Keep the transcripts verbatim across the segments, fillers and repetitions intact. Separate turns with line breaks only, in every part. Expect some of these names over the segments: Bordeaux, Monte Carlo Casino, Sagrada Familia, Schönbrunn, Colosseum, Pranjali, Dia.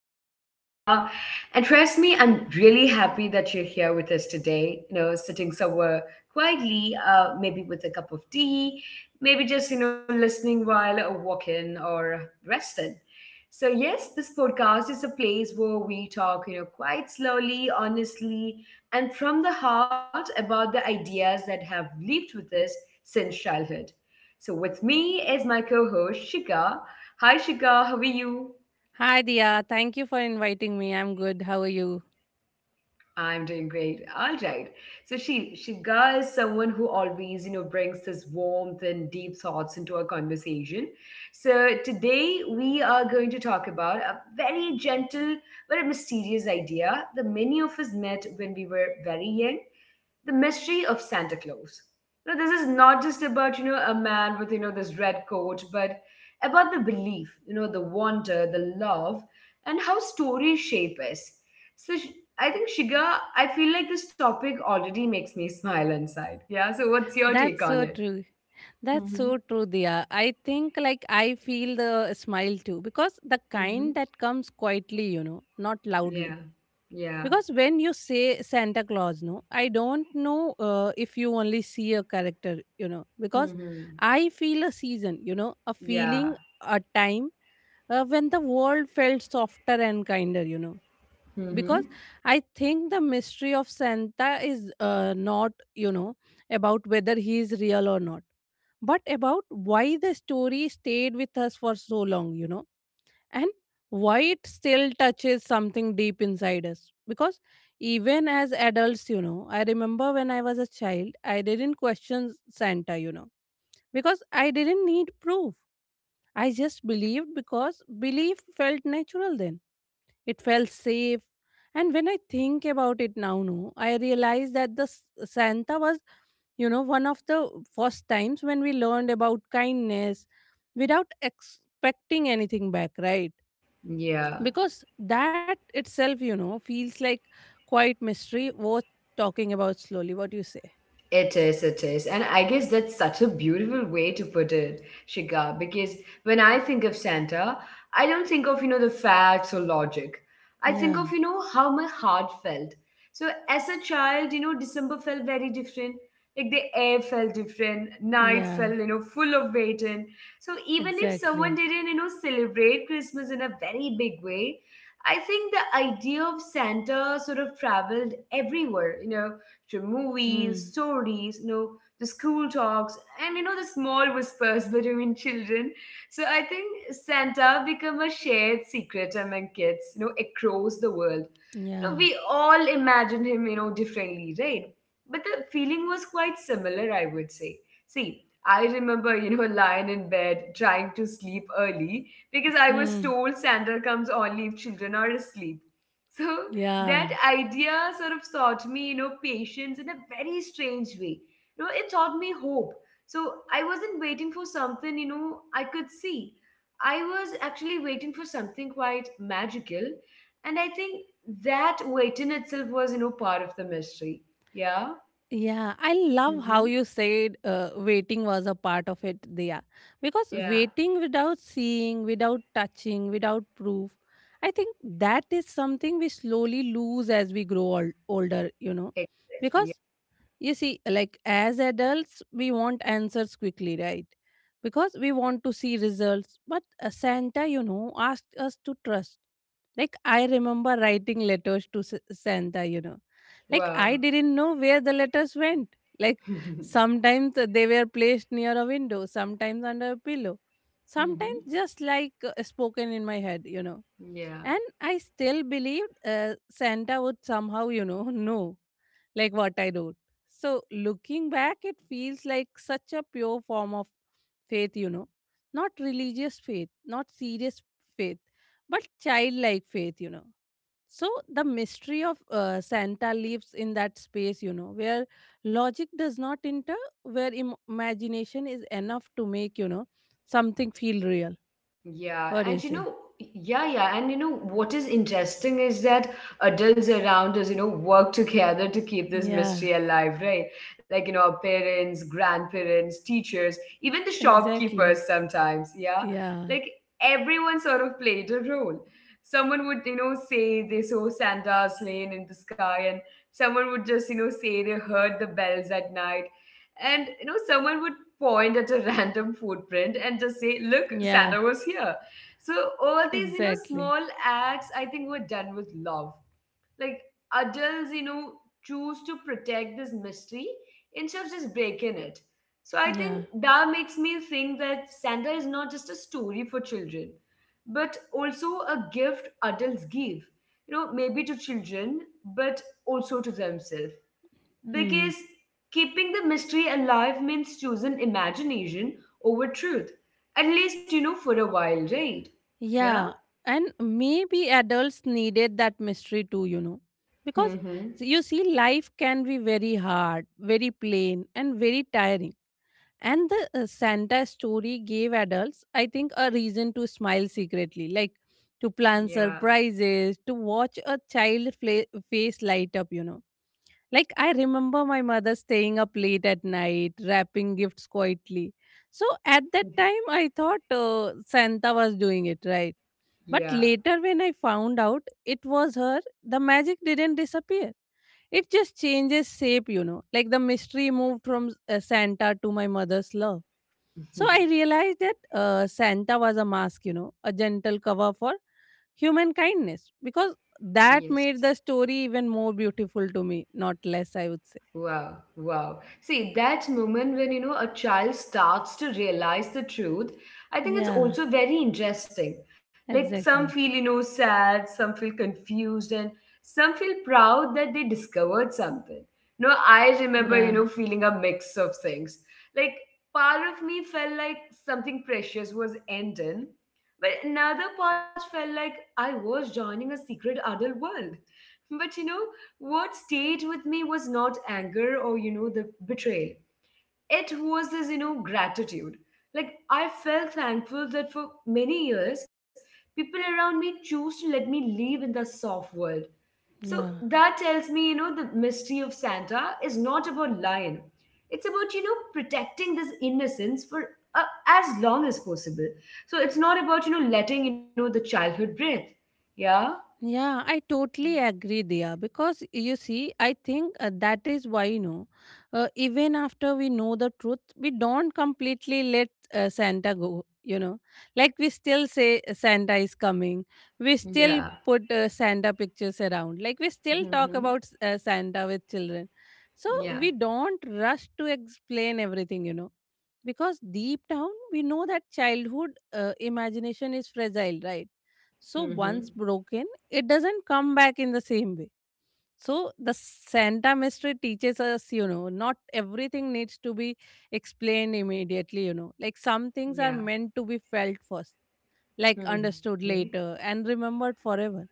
I am Dia, and trust me, I'm really happy that you're here with us today. You know, sitting somewhere quietly, uh, maybe with a cup of tea, maybe just you know listening while walking or resting. So yes, this podcast is a place where we talk, you know, quite slowly, honestly, and from the heart about the ideas that have lived with us since childhood. So with me is my co-host Shika. Hi Shika, how are you?
Hi, Dia. Thank you for inviting me. I'm good. How are you?
I'm doing great. All right. So she Shika is someone who always, you know, brings this warmth and deep thoughts into our conversation. So today we are going to talk about a very gentle but a mysterious idea that many of us met when we were very young, the mystery of Santa Claus. You know, this is not just about you know a man with you know this red coat, but about the belief, you know, the wonder, the love, and how stories shape us. So sh- I think Shiga, I feel like this topic already makes me smile inside. Yeah. So what's your take
That's
on
so
it?
true. That's
Mm-hmm.
so true, Dia. I think like I feel the smile too because the
Mm-hmm.
kind that comes quietly, you know, not loudly.
Yeah. Yeah.
Because when you say Santa Claus, no, I don't know uh, if you only see a character, you know, because
Mm-hmm.
I feel a season, you know, a
Yeah.
feeling, a time uh, when the world felt softer and kinder, you know, because
Mm-hmm.
I think the mystery of Santa is uh, not, you know, about whether he is real or not, but about why the story stayed with us for so long, you know, and why it still touches something deep inside us. Because even as adults, you know, I remember when I was a child I didn't question Santa, you know, because I didn't need proof. I just believed because belief felt natural then. It felt safe. And when I think about it now, no, I realize that the s- Santa was, you know, one of the first times when we learned about kindness without expecting anything back, right?
Yeah.
Because that itself, you know, feels like quite mystery worth talking about slowly. What do you say?
It is, it is. And I guess that's such a beautiful way to put it, Shika, because when I think of Santa, I don't think of, you know, the facts or logic. I think of,
Yeah.
you know, how my heart felt. So as a child, you know, December felt very different. Like the air felt different, nights
Yeah.
felt, you know, full of waiting. So even if someone
Exactly.
didn't, you know, celebrate Christmas in a very big way, I think the idea of Santa sort of traveled everywhere, you know to movies,
Hmm.
stories, you know, the school talks, and you know, the small whispers between children. So I think Santa become a shared secret among kids, you know, across the world. You
Yeah.
know, we all imagined him, you know, differently, right? But the feeling was quite similar, I would say. See, I remember, you know, lying in bed trying to sleep early because I was
Hmm.
told Santa comes only if children are asleep. So that
Yeah.
idea sort of taught me, you know, patience in a very strange way. You know, it taught me hope. So I wasn't waiting for something, you know, I could see. I was actually waiting for something quite magical. And I think that waiting itself was, you know, part of the mystery. Yeah.
Yeah, I love how
Mm-hmm.
you said uh, waiting was a part of it there. Because
Yeah.
waiting without seeing, without touching, without proof, I think that is something we slowly lose as we grow old, older, you know.
Exactly. Yeah.
Because you see, like as adults we want answers quickly, right? Because we want to see results, but uh, Santa, you know, asked us to trust. Like I remember writing letters to S- santa, you know. Like I
Wow.
didn't know where the letters went. Like
Mm-hmm.
sometimes they were placed near a window, sometimes under a pillow, sometimes just like uh, spoken in my head, you know.
Yeah.
And I still believed uh, Santa would somehow, you know, know like what I wrote. So, looking back, it feels like such a pure form of faith, you know, not religious faith, not serious faith, but childlike faith, you know. So, the mystery of uh, Santa lives in that space, you know, where logic does not enter, where im- imagination is enough to make, you know, something feel real.
Yeah,
What do you
and you
say?
know, yeah, yeah, and you know what is interesting is that adults around us, you know, work together to keep this
Yeah,
mystery alive, right? Like, you know, our parents, grandparents, teachers, even the
exactly.
shopkeepers sometimes, yeah.
Yeah,
Like everyone sort of played a role. Someone would, you know, say they saw Santa's lane in the sky, and someone would just, you know, say they heard the bells at night. And you know, someone would point at a random footprint and just say, look,
yeah,
Santa was here. So all these, you know,
exactly.
small acts, I think were done with love. Like adults, you know, choose to protect this mystery instead of just breaking it. So I
Yeah.
think that makes me think that Santa is not just a story for children, but also a gift adults give. You know, maybe to children, but also to themselves.
Hmm.
Because keeping the mystery alive means choosing imagination over truth. At least, you know, for a while, right? Yeah?
Yeah, and maybe adults needed that mystery too, you know. Because
Mm-hmm.
you see, life can be very hard, very plain, and very tiring. And the uh, Santa story gave adults, I think, a reason to smile secretly, like to plan
Yeah.
surprises, to watch a child fla- face light up, you know. Like, I remember my mother staying up late at night, wrapping gifts quietly. So, at that time, I thought uh, Santa was doing it, right? But
Yeah.
later, when I found out it was her, the magic didn't disappear. It just changes shape, you know. Like the mystery moved from uh, Santa to my mother's love. So I realized that uh, Santa was a mask, you know, a gentle cover for human kindness, because that
Yes.
made the story even more beautiful to me, not less, I would say.
Wow, wow. See, that moment when, you know, a child starts to realize the truth, I think it's
Yeah,
also very interesting. Like some feel,
exactly.
you know, sad, some feel confused, and some feel proud that they discovered something. No, I remember, you
Yeah,
know, feeling a mix of things. Like part of me felt like something precious was ending, but another part felt like I was joining a secret adult world. But you know, what stayed with me was not anger or you know the betrayal. It was this you know gratitude. Like I felt thankful that for many years people around me choose to let me live in the soft world. So
yeah.
that tells me you know the mystery of Santa is not about lion. It's about you know protecting this innocence for uh, as long as possible. So it's not about you know letting you know the childhood breathe. Yeah.
Yeah, I totally agree, Diya. Because you see, I think uh, that is why, you know, uh, even after we know the truth, we don't completely let uh, Santa go, you know. Like we still say uh, Santa is coming, we still
Yeah.
put uh, Santa pictures around, like we still talk
Hmm.
about s- uh, Santa with children. So
Yeah.
we don't rush to explain everything, you know, because deep down we know that childhood uh, imagination is fragile, right? So once
Hmm.
broken, it doesn't come back in the same way. So the Santa mystery teaches us, you know, not everything needs to be explained immediately, you know. Like some things are
Yeah.
meant to be felt first, like
Hmm.
understood later and remembered forever.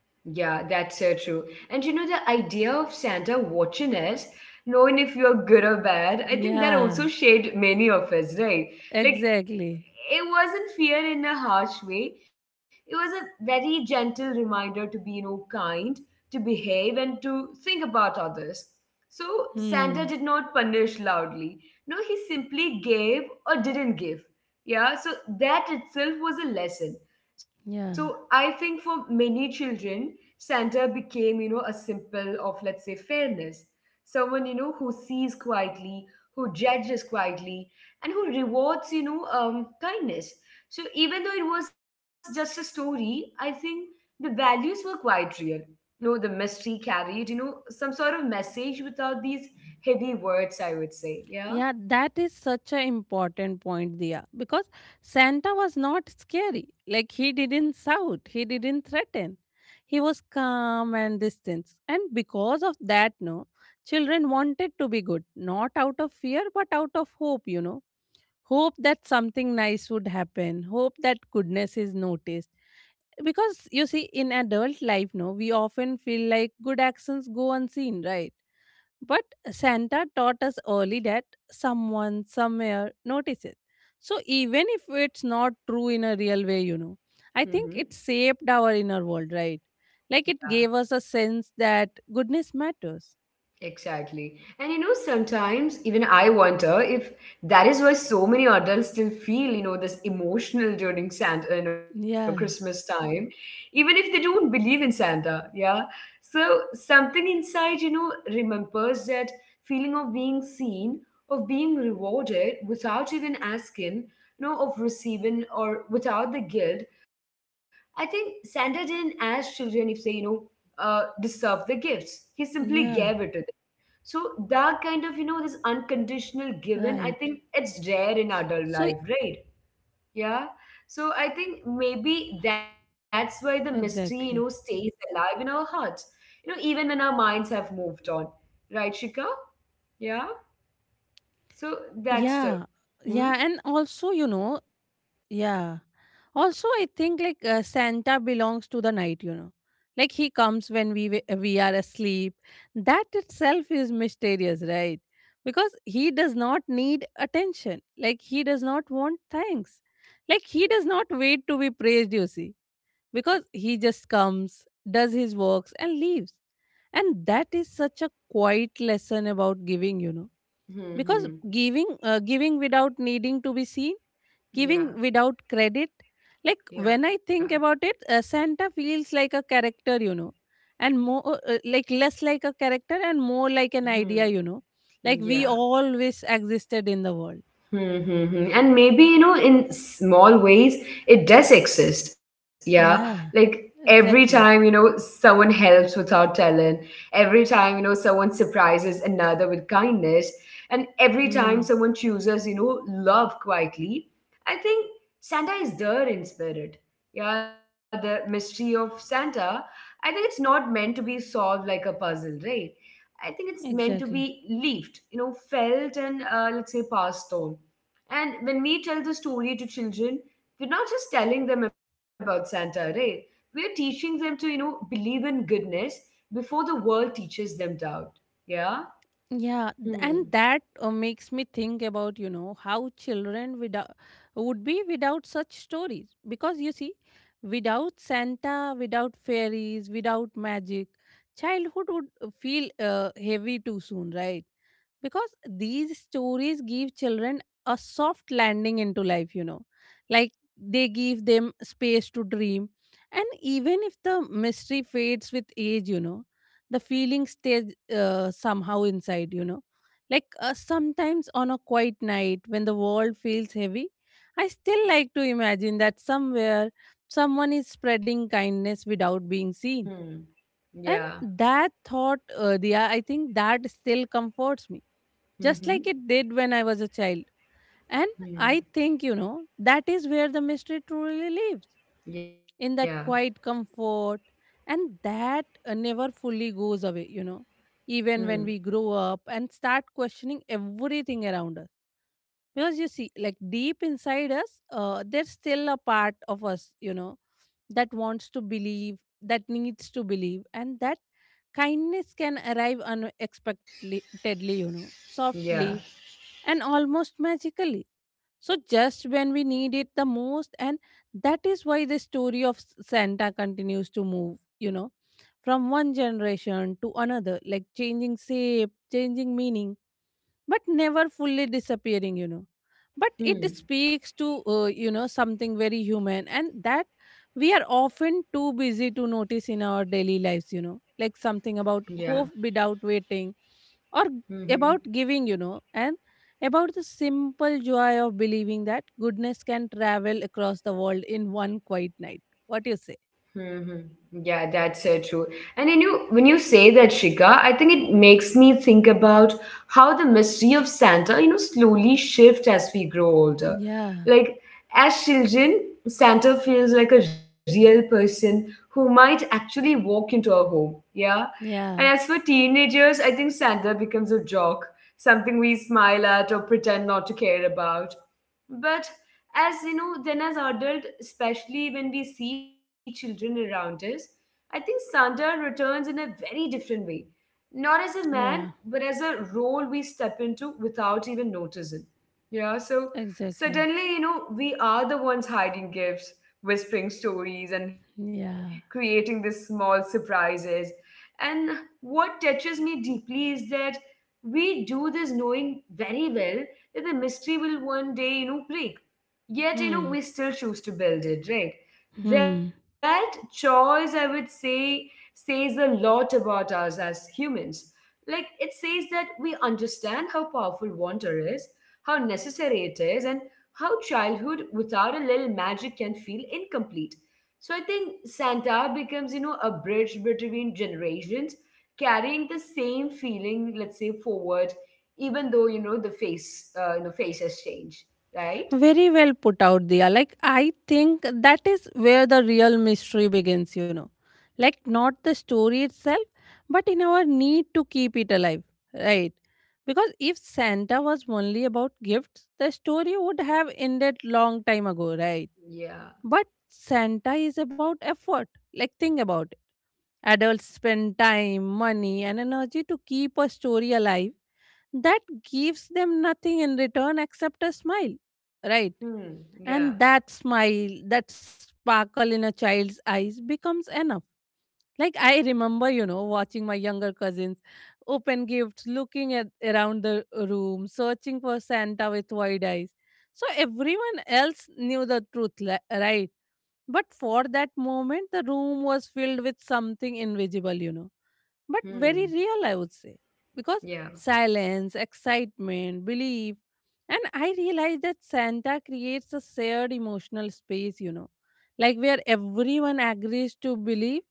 Yeah, that's so true. And you know, the idea of Santa watching us, knowing if you're good or bad, I think that
Yeah,
also shaped many of us, right? Like,
exactly.
it wasn't fear in a harsh way. It was a very gentle reminder to be, you know, kind, to behave, and to think about others. So Santa
Hmm.
did not punish loudly. No, he simply gave or didn't give. Yeah, so that itself was a lesson. So
Yeah.
I think for many children, Santa became, you know, a symbol of, let's say, fairness. Someone, you know, who sees quietly, who judges quietly, and who rewards you know um, kindness. So even though it was just a story, I think the values were quite real. You know the mystery carried you know some sort of message without these heavy words, I would say. Yeah.
Yeah, that is such an important point, Dia, because Santa was not scary. Like he didn't shout, he didn't threaten. He was calm and distant, and because of that, no, children wanted to be good, not out of fear, but out of hope, you know. Hope that something nice would happen, hope that goodness is noticed. Because you see, in adult life, no, we often feel like good actions go unseen, right? But Santa taught us early that someone somewhere notices. So even if it's not true in a real way, you know, I think
Mm-hmm.
it shaped our inner world, right?
Yeah.
Like it gave us a sense that goodness matters.
Exactly. And you know, sometimes even I wonder if that is why so many adults still feel, you know, this emotional during Santa, you know, Christmas
Yeah,
time, even if they don't believe in Santa. Yeah. So something inside, you know, remembers that feeling of being seen, of being rewarded without even asking, you know, of receiving or without the guilt. I think Santa didn't ask children if they, you know, uh, deserve the gifts. He simply gave it to
yeah,
them. So that kind of, you know, this
right.
unconditional
S-
given, I
So
think it's rare in adult life, right? Yeah. So I think maybe that's why the
exactly.
mystery, you know, stays alive in our hearts, you know, even when our minds have moved on. Right, Shika? Yeah. So
yeah,
that's the.
yeah, and
Hmm.
also, you know, yeah. Also, I think like uh, Santa belongs to the night, you know. Like he comes when we w- we are asleep. That itself is mysterious, right? Because he does not need attention. Like he does not want thanks. Like he does not wait to be praised, you see. Because he just comes, does his works and leaves. And that is such a quiet lesson about giving, you know.
Hmm.
Because
Hmm.
giving uh, giving without needing to be seen,
Yeah.
giving without credit. Like
Yeah.
when I think about it, uh, Santa feels like a character, you know, and more uh, uh, like less like a character and more like an idea,
Hmm.
you know. Like we
Yeah.
always existed in the world.
Hmm, hmm, hmm. And maybe, you know, in small ways, it does exist. Yeah. Like
Yeah,
every time, you
exactly.
know, someone helps without telling, every time, you know, someone surprises another with kindness, and every time
Hmm,
someone chooses, you know, love quietly, I think Santa is there in spirit. Yeah. The mystery of Santa, I think it's not meant to be solved like a puzzle, right? I think it's meant to be
exactly.
lived, you know, felt and uh, let's say passed on. And when we tell the story to children, we're not just telling them about Santa, right? We're teaching them to, you know, believe in goodness before the world teaches them doubt. Yeah?
Yeah, th- and
Hmm.
that uh, makes me think about, you know, how children without, would be without such stories. Because you see, without Santa, without fairies, without magic, childhood would uh, feel uh, heavy too soon, right? Because these stories give children a soft landing into life, you know, like they give them space to dream. And even if the mystery fades with age, you know, the feeling stays uh, somehow inside, you know. Like uh, sometimes on a quiet night when the world feels heavy, I still like to imagine that somewhere someone is spreading kindness without being seen.
Hmm. Yeah.
And that thought, uh, Diya, I think that still comforts me just like it
Mm-hmm.
did when I was a child. And I
Hmm.
think, you know, that is where the mystery truly lives,
Yeah.
in that quiet comfort. And that uh, never fully goes away, you know, even when we
Hmm.
grow up and start questioning everything around us. Because you see, like deep inside us uh, there's still a part of us, you know, that wants to believe, that needs to believe, and that kindness can arrive unexpectedly, you know, softly
Yeah.
and almost magically, so just when we need it the most. And that is why the story of S- Santa continues to move, you know, from one generation to another, like changing shape, changing meaning, but never fully disappearing, you know. But it
Hmm.
speaks to uh, you know, something very human, and that we are often too busy to notice in our daily lives, you know, like something about hope
Yeah.
without waiting, or about
Mm-hmm.
giving, you know, and about the simple joy of believing that goodness can travel across the world in one quiet night. What do you say?
Hmm. Yeah, that's so true. And when you when you say that, Shika, I think it makes me think about how the mystery of Santa, you know, slowly shift as we grow older.
Yeah,
Like as children, Santa feels like a real person who might actually walk into our home. Yeah. And
yeah,
as for teenagers, I think Santa becomes a joke, something we smile at or pretend not to care about. But as you know then as adult, especially when we see children around us, I think Santa returns in a very different way, not as a man
yeah,
but as a role we step into without even noticing. Yeah. So
exactly.
suddenly, you know we are the ones hiding gifts, whispering stories, and
Yeah.
creating these small surprises. And what touches me deeply is that we do this knowing very well that the mystery will one day you know break,
Hmm,
yet you know we still choose to build it, right?
hmm.
That choice, I would say, says a lot about us as humans. Like it says that we understand how powerful wonder is, how necessary it is, and how childhood without a little magic can feel incomplete. So I think Santa becomes you know a bridge between generations, carrying the same feeling, let's say, forward, even though you know the face uh, you know face has changed, right?
Very well put out, there. Like, I think that is where the real mystery begins, you know. Like, not the story itself, but in our need to keep it alive, right? Because if Santa was only about gifts, the story would have ended long time ago, right?
Yeah.
But Santa is about effort. Like, think about it. Adults spend time, money, and energy to keep a story alive that gives them nothing in return except a smile, right?
Hmm.
And
Yeah.
that smile, that sparkle in a child's eyes becomes enough. Like I remember, you know, watching my younger cousins open gifts, looking at around the room, searching for Santa with wide eyes. So everyone else knew the truth, li- right? But for that moment, the room was filled with something invisible, you know, but very
Hmm.
real, I would say. Because
Yeah.
silence, excitement, belief, and I realized that Santa creates a shared emotional space, you know, like where everyone agrees to believe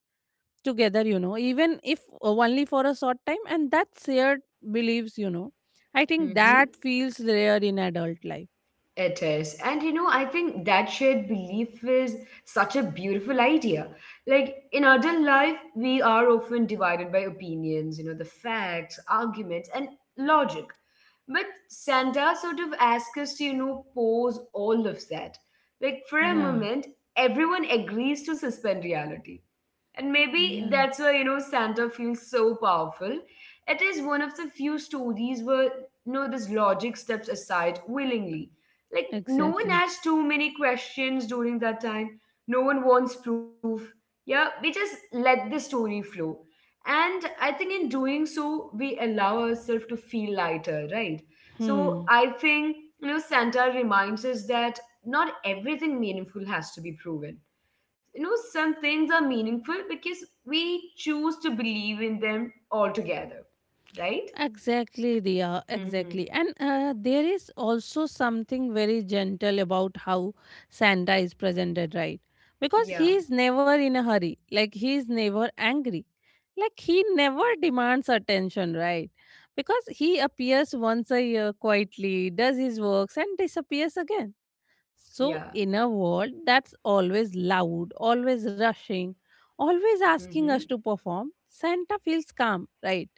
together, you know, even if only for a short time, and that shared beliefs, you know, I think
Mm-hmm.
that feels rare in adult life.
It is. And you know, I think that shared belief is such a beautiful idea. Like in adult life, we are often divided by opinions, you know, the facts, arguments, and logic. But Santa sort of asks us to, you know, pause all of that. Like for a
Yeah,
moment, everyone agrees to suspend reality. And maybe
yeah,
that's why, you know, Santa feels so powerful. It is one of the few stories where, you know, this logic steps aside willingly. Like, no one
exactly.
asks too many questions during that time. No one wants proof. Yeah, we just let the story flow. And I think in doing so, we allow ourselves to feel lighter, right? So
Hmm.
I think, you know, Santa reminds us that not everything meaningful has to be proven. You know, some things are meaningful because we choose to believe in them altogether, right?
Exactly, Dia.
Mm-hmm.
Exactly. And uh, there is also something very gentle about how Santa is presented, right? Because he
Yeah,
is never in a hurry. Like, he is never angry. Like, he never demands attention, right? Because he appears once a year quietly, does his works, and disappears again. So,
yeah.
in a world that's always loud, always rushing, always asking
Mm-hmm.
us to perform, Santa feels calm, right?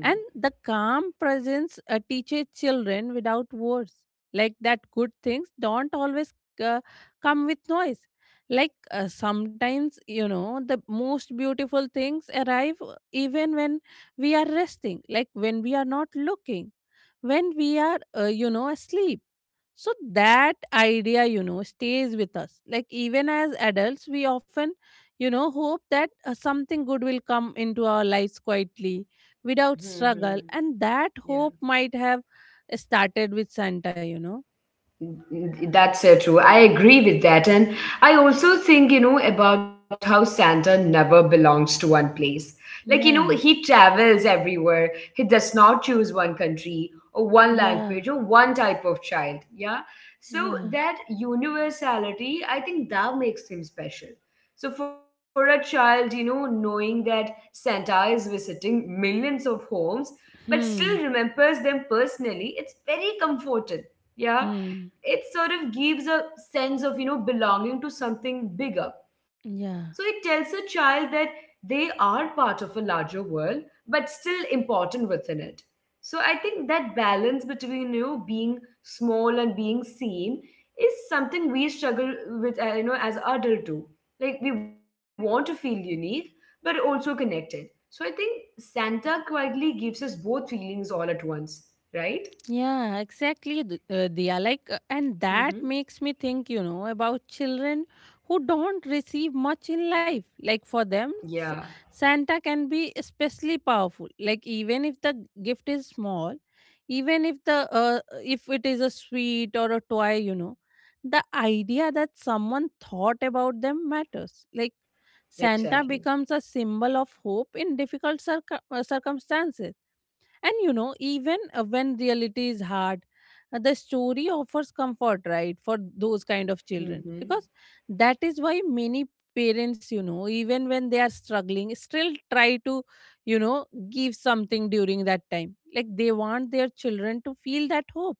And the calm presence uh, teaches children without words, like that good things don't always uh, come with noise. Like uh, sometimes, you know, the most beautiful things arrive uh, even when we are resting, like when we are not looking, when we are, uh, you know, asleep. So that idea, you know, stays with us. Like even as adults, we often, you know, hope that uh, something good will come into our lives quietly without
hmm
struggle.
hmm
And that
Yeah.
hope might have started with Santa, you know.
That's so true. I agree with that. And I also think, you know, about how Santa never belongs to one place. Like, you know,
Yeah,
he travels everywhere. He does not choose one country or one
yeah,
language or one type of child. Yeah.
yeah.
So that universality, I think that makes him special. So for a child, you know, knowing that Santa is visiting millions of homes, but
Hmm,
still remembers them personally, it's very comforting. Yeah,
hmm,
it sort of gives a sense of, you know, belonging to something bigger. So it
yeah.
tells a child that they are part of a larger world, but still important within it. So I think that balance between, you know, being small and being seen is something we struggle with, uh, you know, as adult too. Like, we want to feel unique, but also connected. So I think Santa quietly gives us both feelings all at once, right?
Yeah, exactly, Th- uh, Diya. Like, uh, and that
Hmm.
makes me think, you know, about children who don't receive much in life. Like, for them,
Yeah,
s- Santa can be especially powerful. Like, even if the gift is small, even if the uh, if it is a sweet or a toy, you know, the idea that someone thought about them matters. Like,
exactly.
Santa becomes a symbol of hope in difficult circu- uh, circumstances, and you know, even uh, when reality is hard, uh, the story offers comfort, right, for those kind of
Mm-hmm.
children. Because that is why many parents, you know, even when they are struggling, still try to, you know, give something during that time. Like they want their children to feel that hope.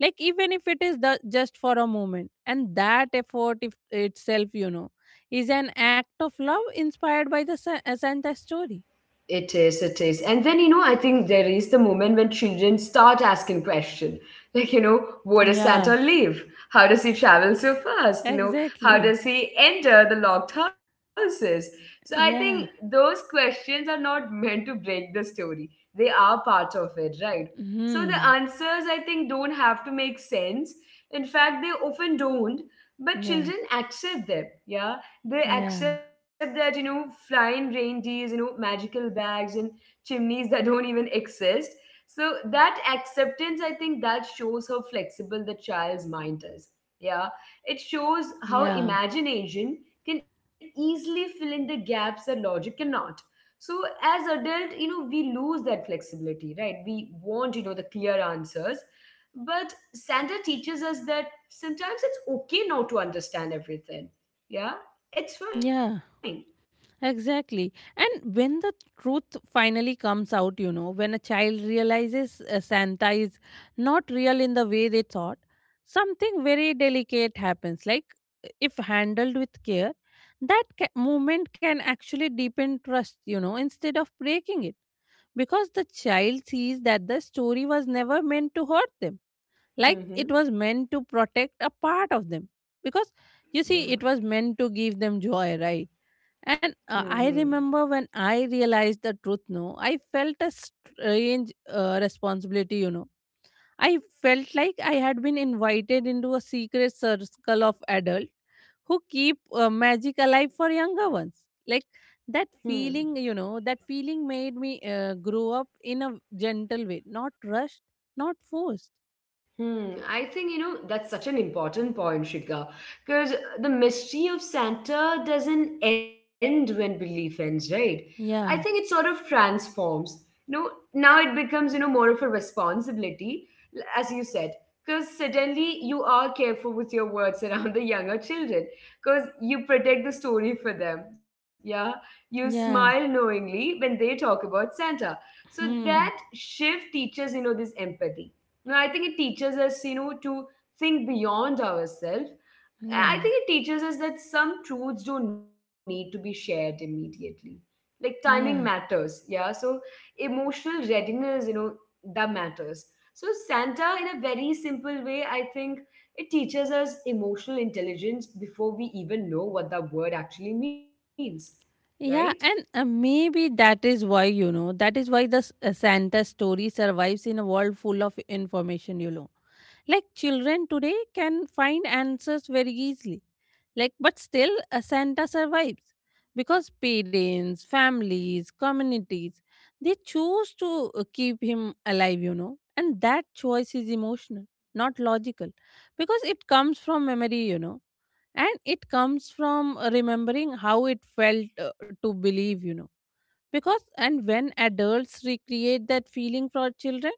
Like even if it is the, just for a moment. And that effort if, itself, you know, is an act of love inspired by the Sa- uh, Santa story.
It is, it is. And then, you know, I think there is the moment when children start asking questions. Like, you know, where does Santa
Yeah,
live? How does he travel so fast? You know, how does
exactly.
he enter the locked houses? So I think
Yeah.
those questions are not meant to break the story. They are part of it, right? So the
Hmm.
answers, I think, don't have to make sense. In fact, they often don't, but
Yeah.
children accept them. Yeah. They
Yeah.
accept that, you know, flying reindeers, you know, magical bags and chimneys that don't even exist. So that acceptance, I think that shows how flexible the child's mind is. Yeah. It shows how
Yeah.
imagination can easily fill in the gaps that logic cannot. So as adult, you know, we lose that flexibility, right? We want, you know, the clear answers. But Santa teaches us that sometimes it's okay not to understand everything. Yeah, it's fine.
Yeah. Exactly. And when the truth finally comes out, you know, when a child realizes uh, Santa is not real in the way they thought, something very delicate happens. Like if handled with care, that ca- movement can actually deepen trust, you know, instead of breaking it. Because the child sees that the story was never meant to hurt them, like
Mm-hmm.
it was meant to protect a part of them, because you see
Yeah.
it was meant to give them joy, right? And uh,
Mm-hmm.
I remember when I realized the truth, no, I felt a strange uh, responsibility, you know. I felt like I had been invited into a secret circle of adults who keep uh, magic alive for younger ones. Like that
Hmm.
feeling, you know, that feeling made me uh, grow up in a gentle way, not rushed, not forced.
Hmm, I think, you know, that's such an important point, Shika, because the mystery of Santa doesn't end when belief ends, right? I think it sort
Yeah,
of transforms. You know, now it becomes, you know, more of a responsibility, l- as you said, because suddenly you are careful with your words around the younger children, because you protect the story for them. Yeah, you smile
yeah.
knowingly when they talk about Santa. So that
Hmm.
shift teaches, you know, this empathy. No, I think it teaches us, you know, to think beyond ourselves. I
Yeah.
think it teaches us that some truths don't need to be shared immediately. Like, timing
Yeah.
matters, yeah. So emotional readiness, you know, that matters. So Santa, in a very simple way, I think it teaches us emotional intelligence before we even know what that word actually means, right?
Yeah. And uh, maybe that is why, you know, that is why the s- uh, Santa story survives in a world full of information, you know. Like children today can find answers very easily. Like, but still, uh, Santa survives because parents, families, communities, they choose to uh, keep him alive, you know. And that choice is emotional, not logical, because it comes from memory, you know, and it comes from uh, remembering how it felt uh, to believe, you know. Because and when adults recreate that feeling for children,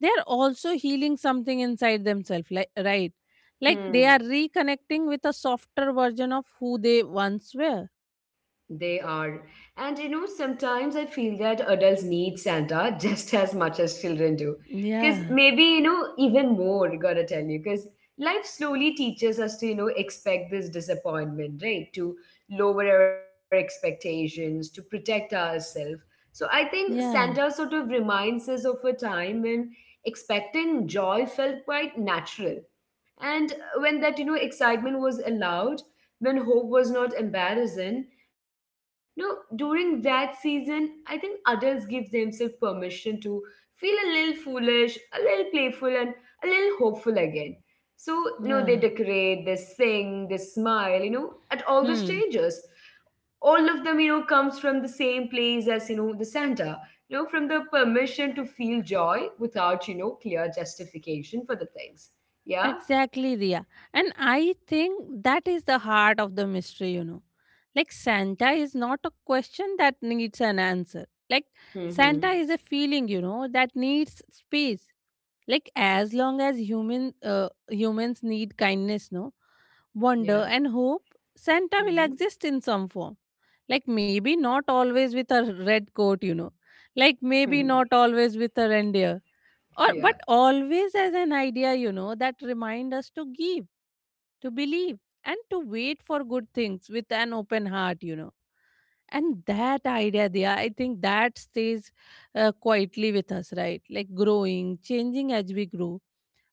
they are also healing something inside themselves, like, right? Like they
Hmm.
are reconnecting with a softer version of who they once were.
They are. And you know, sometimes I feel that adults need Santa just as much as children do. Because
Yeah,
maybe, you know, even more, gotta tell you. Because life slowly teaches us to, you know, expect this disappointment, right? To lower our expectations, to protect ourselves. So I think Santa
yeah,
sort of reminds us of a time when expecting joy felt quite natural, and when that, you know, excitement was allowed, when hope was not embarrassing. No, during that season I think adults give themselves permission to feel a little foolish, a little playful, and a little hopeful again. So, you know,
yeah.
they decorate, they sing, they smile, you know, at all
Hmm.
the strangers, all of them, you know, comes from the same place as, you know, the Santa, you know, from the permission to feel joy without, you know, clear justification for the things. Yeah.
Exactly, Ria. And I think that is the heart of the mystery, you know. Like, Santa is not a question that needs an answer. Like, Santa is a
Mhm.
feeling, you know, that needs space. Like, as long as human uh, humans need kindness, no, wonder, and
Yeah.
hope, Santa will exist
Mhm.
in some form. Like, maybe not always with a red coat, you know. Like, maybe not always with a reindeer or, but
Yeah.
always as an idea, you know, that remind us to give, to believe, and to wait for good things with an open heart, you know. And that idea there, I think that stays uh, quietly with us, right? Like growing, changing as we grow,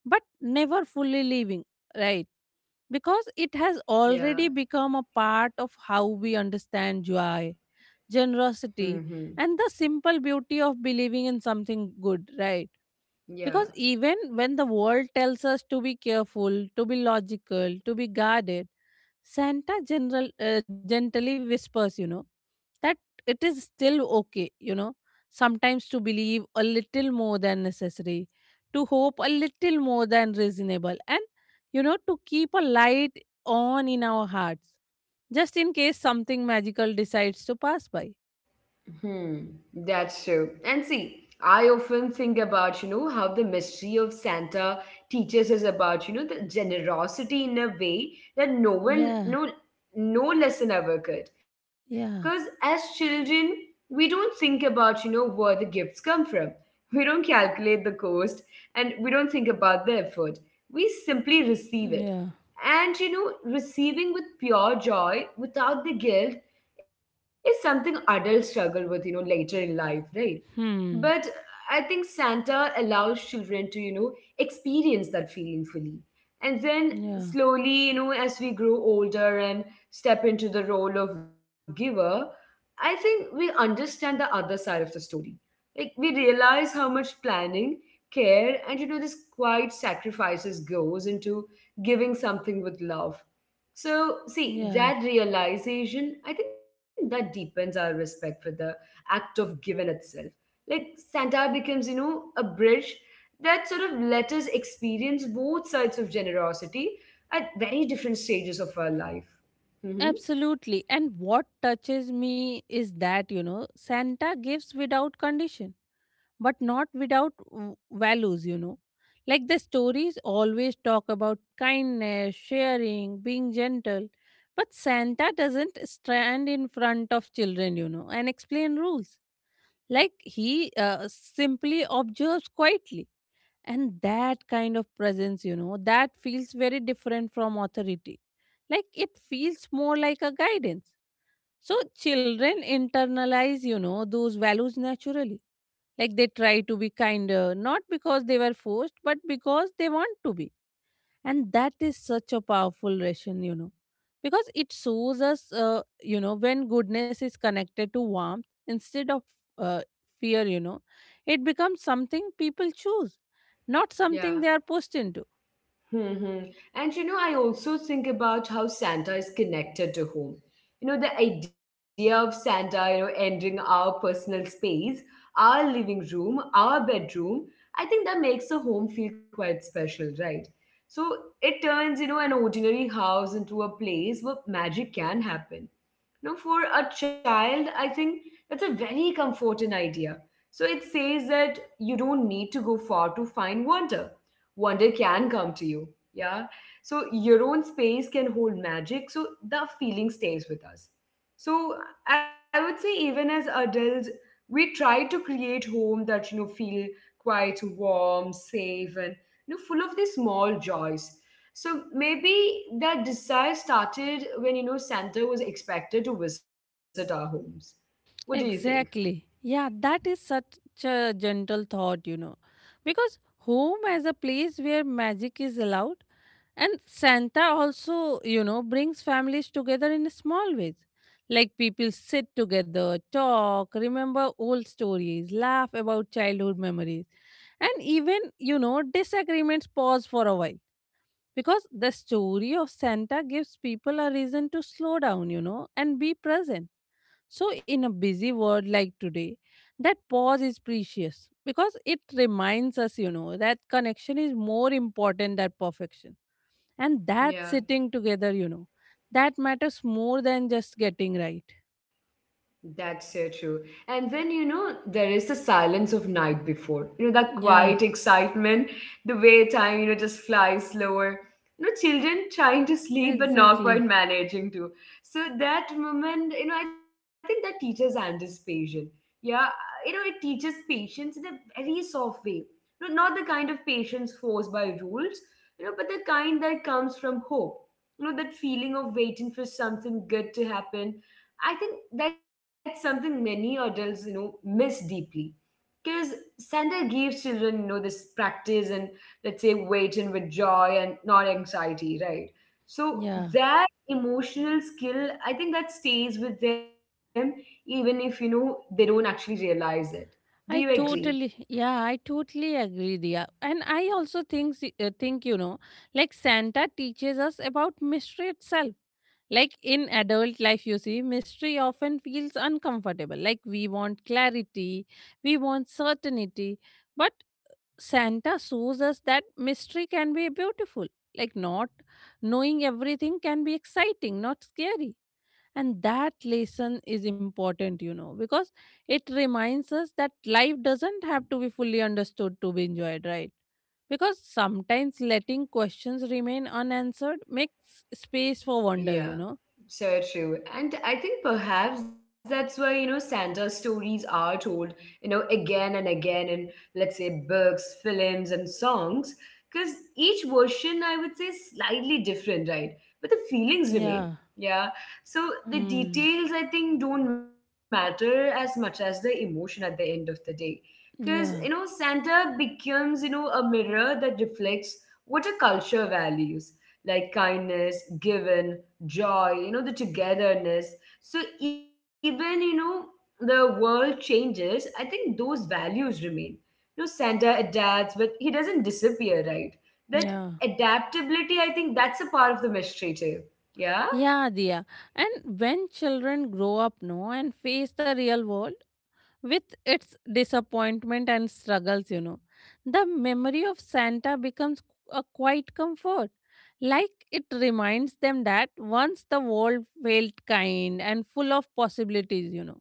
but never fully leaving, right? Because it has already
Yeah.
become a part of how we understand joy, generosity,
Mhm.
and the simple beauty of believing in something good, right? Because
Yeah.
even when the world tells us to be careful, to be logical, to be guarded, Santa general, uh, gently whispers, you know, that it is still okay, you know, sometimes to believe a little more than necessary, to hope a little more than reasonable, and, you know, to keep a light on in our hearts, just in case something magical decides to pass by.
Hmm, that's true. And see, I often think about, you know, how the mystery of Santa teaches us about, you know, the generosity in a way that no one,
Yeah,
no, no lesson ever could. Because
yeah,
as children, we don't think about, you know, where the gifts come from. We don't calculate the cost and we don't think about the effort. We simply receive it.
yeah.
And, you know, receiving with pure joy without the guilt is something adults struggle with, you know, later in life, right?
Hmm.
But I think Santa allows children to, you know, experience that feeling fully. And then
Yeah,
slowly, you know, as we grow older and step into the role of giver, I think we understand the other side of the story. Like, we realize how much planning, care, and, you know, this quiet sacrifices goes into giving something with love. So, see,
yeah.
that realization, I think that deepens our respect for the act of giving itself. Like Santa becomes, you know, a bridge that sort of let us experience both sides of generosity at very different stages of our life. Hmm.
Absolutely. And what touches me is that, you know, Santa gives without condition, but not without v- values, you know. Like the stories always talk about kindness, sharing, being gentle, but Santa doesn't stand in front of children, you know, and explain rules. Like he uh, simply observes quietly. And that kind of presence, you know, that feels very different from authority. Like it feels more like a guidance, so children internalize, you know, those values naturally. Like they try to be kinder, not because they were forced, but because they want to be. And that is such a powerful ration, you know, because it shows us, uh, you know, when goodness is connected to warmth instead of uh, fear, you know, it becomes something people choose, not something
Yeah.
they are pushed into.
Hmm. And you know, I also think about how Santa is connected to home. You know, the idea of Santa, you know, entering our personal space, our living room, our bedroom, I think that makes a home feel quite special, right? So it turns, you know, an ordinary house into a place where magic can happen. Now, for a child, I think that's a very comforting idea. So it says that you don't need to go far to find wonder. Wonder can come to you. Yeah. So your own space can hold magic. So the feeling stays with us. So I would say even as adults, we try to create home that, you know, feel quite warm, safe, and, you know, full of these small joys. So maybe that desire started when, you know, Santa was expected to visit our homes. What do you think?
Exactly. Yeah, that is such a gentle thought, you know. Because home as a place where magic is allowed, and Santa also, you know, brings families together in small ways. Like people sit together, talk, remember old stories, laugh about childhood memories, and even, you know, disagreements pause for a while. Because the story of Santa gives people a reason to slow down, you know, and be present. So, in a busy world like today, that pause is precious because it reminds us, you know, that connection is more important than perfection. And that
Yeah.
sitting together, you know, that matters more than just getting right.
That's so true. And then, you know, there is the silence of night before, you know, that quiet
Yeah,
excitement, the way time, you know, just flies slower. You know, children trying to sleep but not quite
exactly.
managing to. So that moment, you know, I think that teaches anticipation. Yeah, you know, it teaches patience in a very soft way. You know, not the kind of patience forced by rules, you know, but the kind that comes from hope. You know, that feeling of waiting for something good to happen, I think that's something many adults, you know, miss deeply. Because Santa gives children, you know, this practice and, let's say, waiting with joy and not anxiety, right? So
Yeah.
that emotional skill, I think that stays with them even if, you know, they don't actually realize it. Do you
I
agree?
totally, yeah, I totally agree, Dia. And I also think, s- uh, think you know, like Santa teaches us about mystery itself. Like in adult life, you see, mystery often feels uncomfortable. Like we want clarity, we want certainty. But Santa shows us that mystery can be beautiful. Like not knowing everything can be exciting, not scary. And that lesson is important, you know, because it reminds us that life doesn't have to be fully understood to be enjoyed, right? Because sometimes letting questions remain unanswered makes space for wonder, you
Yeah,
know.
so true. And I think perhaps that's why, you know, Santa stories are told, you know, again and again in, let's say, books, films, and songs, because each version, I would say, is slightly different, right? But the feelings
Yeah.
remain. Yeah. So the
Hmm.
details, I think, don't matter as much as the emotion at the end of the day. Because, you know,
Yeah.
Santa becomes, you know, a mirror that reflects what a culture values, like kindness, given joy, you know, the togetherness. So even, you know, the world changes, I think those values remain. You know, Santa adapts, but he doesn't disappear, right? That
Yeah.
adaptability, I think that's a part of the mystery too. Yeah?
Yeah, Dia. And when children grow up, no, and face the real world with its disappointment and struggles, you know, the memory of Santa becomes a quiet comfort. Like it reminds them that once the world felt kind and full of possibilities, you know.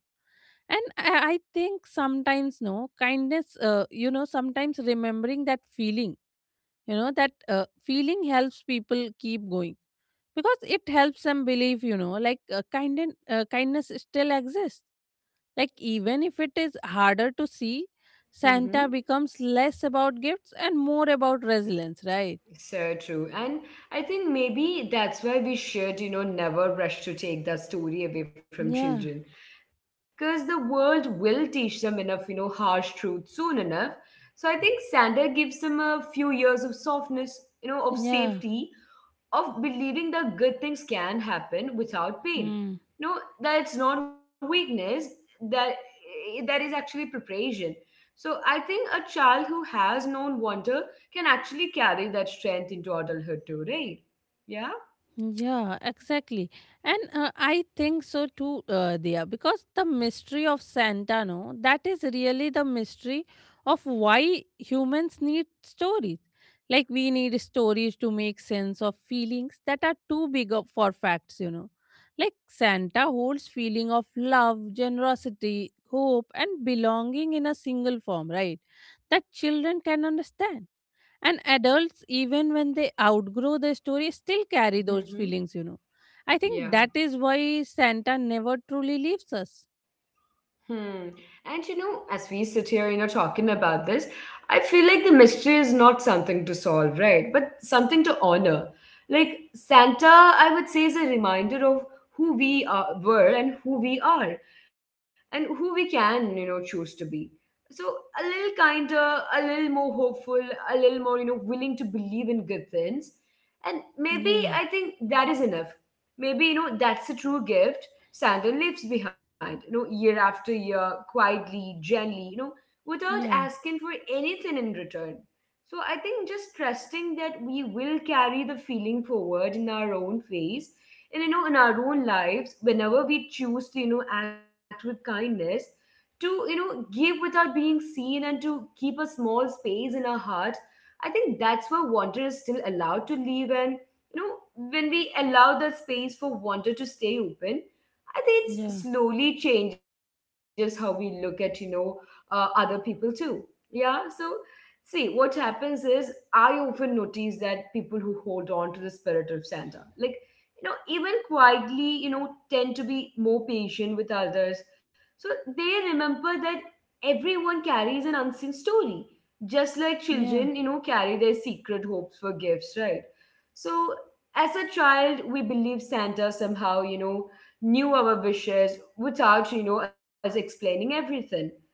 And I I think sometimes, no, kindness, uh, you know, sometimes remembering that feeling, you know, that uh, feeling helps people keep going, because it helps them believe, you know, like uh, kind uh, kindness still exists, like even if it is harder to see.
Mm-hmm.
Santa becomes less about gifts and more about resilience, right?
So true. And I think maybe that's why we should, you know, never rush to take that story away from
Yeah,
children. Because the world will teach them enough, you know, harsh truth soon enough. So I think Sander gives them a few years of softness, you know, of
yeah.
safety, of believing that good things can happen without
Hmm.
pain. No, that's not weakness. That eh, that is actually preparation. So I think a child who has known wonder can actually carry that strength into adulthood too, right? Yeah.
Yeah, exactly. And uh, I think so too, uh, Dia, because the mystery of Santa, no, that is really the mystery of why humans need stories. Like, we need stories to make sense of feelings that are too big of- for facts, you know. Like, Santa holds feeling of love, generosity, hope, and belonging in a single form, right? That children can understand, and adults, even when they outgrow the story, still carry those
Mm-hmm.
feelings, you know. I think that
Yeah.
is why Santa never truly leaves us.
Hmm. And you know, as we sit here, you know, talking about this, I feel like the mystery is not something to solve, right? But something to honor. Like Santa, I would say, is a reminder of who we are, were and who we are, and who we can, you know, choose to be. So a little kinder, a little more hopeful, a little more, you know, willing to believe in good things. And maybe I
Yeah,
think that is enough. Maybe, you know, that's a true gift Santa lives behind, you know, year after year, quietly, gently, you know, without
yeah,
asking for anything in return. So I think just trusting that we will carry the feeling forward in our own ways and you know in our own lives whenever we choose to you know act with kindness, to you know give without being seen, and to keep a small space in our heart. I think that's where wonder is still allowed to live. And you know when we allow the space for wonder to stay open, I think it
yeah,
slowly changes how we look at, you know, uh, other people too. Yeah. So, see, what happens is I often notice that people who hold on to the spirit of Santa, like, you know, even quietly, you know, tend to be more patient with others. So they remember that everyone carries an unseen story, just like children, you
yeah,
know, carry their secret hopes for gifts, right? So, as a child, we believe Santa somehow, you know, knew our wishes without, you know, us explaining everything.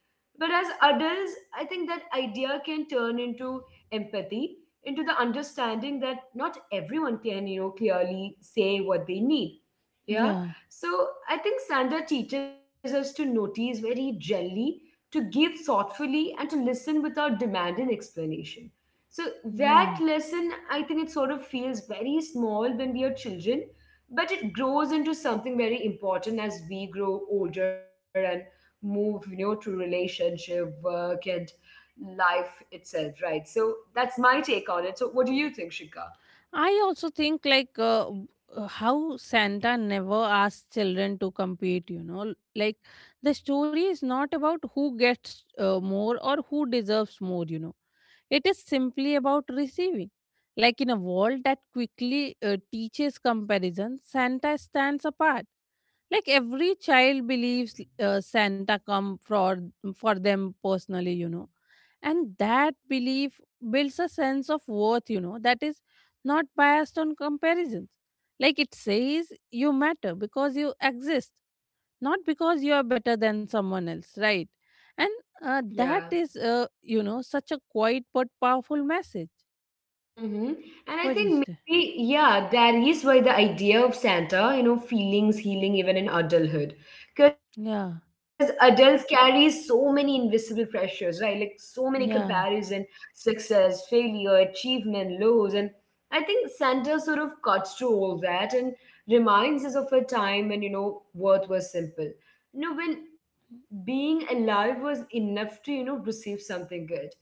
But as adults, I think that idea can turn into empathy, into the understanding that not everyone can, you know, clearly say what they need. Yeah.
yeah,
So I think Santa teaches us to notice very gently, to give thoughtfully, and to listen without demand and explanation. So that
yeah.
lesson, I think it sort of feels very small when we are children, but it grows into something very important as we grow older and move, you know, to relationship, work, and life itself, right? So that's my take on it. So what do you think, Shika?
I also think like uh, w- uh, how Santa never asks children to compete, you know. Like the story is not about who gets uh, more or who deserves more, you know. It is simply about receiving. Like in a world that quickly uh, teaches comparison, Santa stands apart. Like every child believes uh, Santa come for for them personally, you know, and that belief builds a sense of worth, you know, that is not biased on comparisons. Like it says you matter because you exist, not because you are better than someone else, right? And uh, that
Yeah.
is uh, you know, such a quiet but powerful message.
Mm-hmm. And I
What do you
think
say?
maybe, yeah, that is why the idea of Santa, you know, feelings healing even in adulthood.
Yeah,
Because adults carry so many invisible pressures, right? Like so many
yeah,
comparison, success, failure, achievement, lows. And I think Santa sort of cuts through all that and reminds us of a time when, you know, worth was simple. You know, when being alive was enough to, you know, receive something good.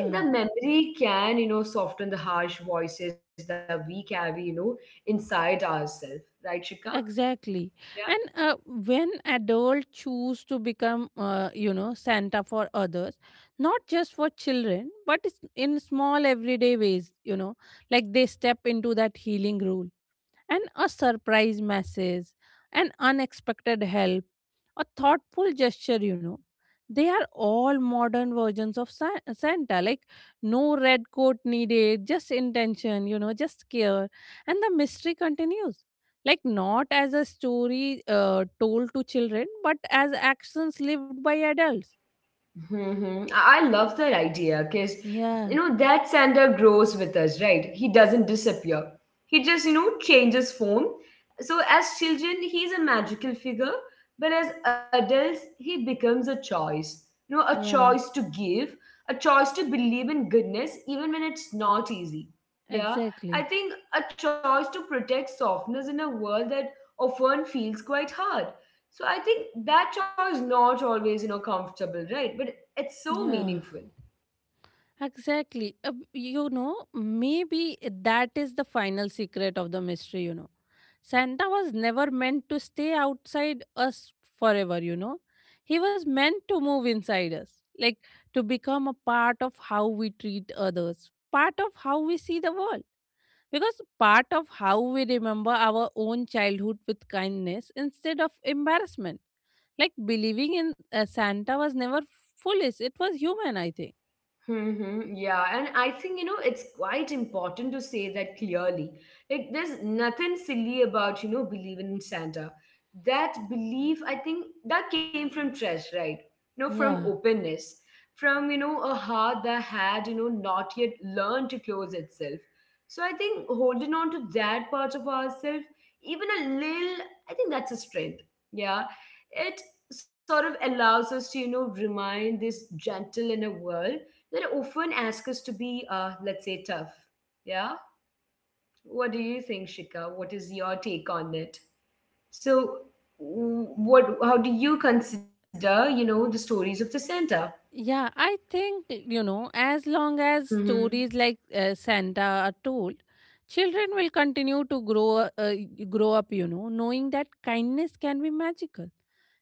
I think the memory can, you know, soften the harsh voices that we carry, you know, inside ourselves, right, Shika?
exactly. And uh, when adults choose to become, uh, you know Santa for others, not just for children, but it's in small everyday ways, you know, like they step into that healing role. And a surprise message, an unexpected help, a thoughtful gesture, you know. They are all modern versions of Sa- Santa, like no red coat needed, just intention, you know, just care. And the mystery continues. Like, not as a story uh, told to children, but as actions lived by adults.
Hmm. I I love that idea because, you
Yeah,
know, that Sander grows with us, right? He doesn't disappear. He just, you know, changes form. So as children, he's a magical figure, but as adults, he becomes a choice. You know, a
yeah,
choice to give, a choice to believe in goodness, even when it's not easy. Yeah,
exactly.
I think a choice to protect softness in a world that often feels quite hard. So I think that choice not always, you know, comfortable, right? But it's so
Yeah,
meaningful.
exactly. Uh, you know, maybe that is the final secret of the mystery, you know. Santa was never meant to stay outside us forever, you know. He was meant to move inside us, like to become a part of how we treat others, part of how we see the world. Because part of how we remember our own childhood with kindness instead of embarrassment. Like believing in uh, Santa was never foolish, it was human, I think.
Mm-hmm. Yeah, and I think you know it's quite important to say that clearly. Like, there's nothing silly about you know believing in Santa. That belief, I think, that came from trust, right? You know, from
Yeah.
openness, from you know a heart that had you know not yet learned to close itself. So I think holding on to that part of ourselves, even a little, I think that's a strength. Yeah, it sort of allows us to you know remain this gentle in a world that often ask us to be, uh, let's say, tough. Yeah? What do you think, Shika? What is your take on it? So, w- what? How do you consider, you know, the stories of the Santa?
Yeah, I think, eh, you know, as long as
Mm-hmm.
stories like uh, Santa are told, children will continue to grow uh, y- grow up, you know, knowing that kindness can be magical.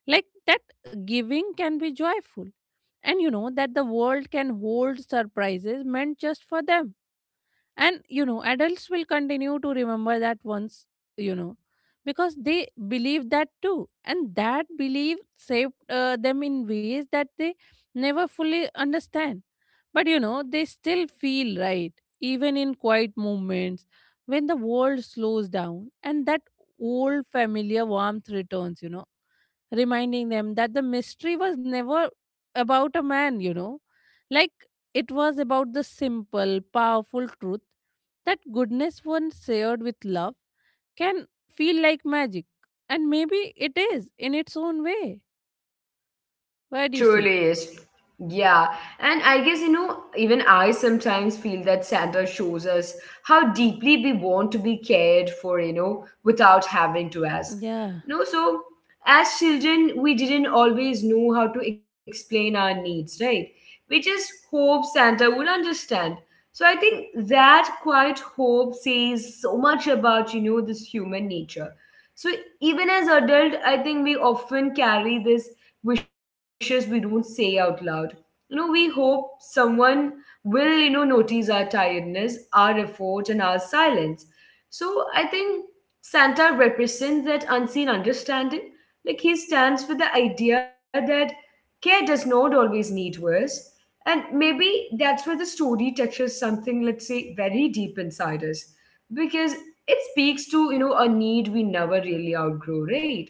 Like that giving can be joyful and you know that the world can hold surprises meant just for them. And, you know, adults will continue to remember that once, you know, because they believed that too. And that belief saved uh, them in ways that they never fully understand. But, you know, they still feel right, even in quiet moments when the world slows down and that old familiar warmth returns, you know, reminding them that the mystery was never about a man, you know. Like it was about the simple, powerful truth that goodness, when shared with love, can feel like magic. And maybe it is in its own way. Why do you say?
Truly is. Yeah. And I guess, you know, even I sometimes feel that Santa shows us how deeply we want to be cared for, you know, without having to ask.
Yeah,
No, so as children, we didn't always know how to explain our needs, right? We just hope Santa would understand. So I think that quiet hope says so much about, you know, this human nature. So even as adult, I think we often carry this wishes we don't say out loud. You know, we hope someone will, you know, notice our tiredness, our effort, and our silence. So I think Santa represents that unseen understanding. Like he stands for the idea that care does not always need words. And maybe that's where the story touches something, let's say, very deep inside us. Because it speaks to, you know, a need we never really outgrow, right?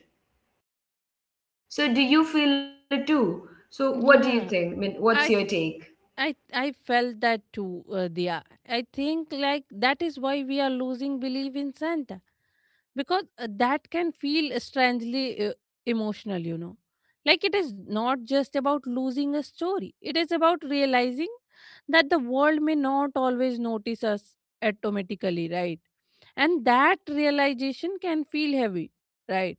So do you feel it too? So what do you
yeah.
think? I mean, what's
I
your take?
I I felt that too, uh, Dia. I think like that is why we are losing belief in Santa because uh, that can feel strangely uh, emotional, you know. Like it is not just about losing a story, it is about realizing that the world may not always notice us automatically, right? And that realization can feel heavy, right?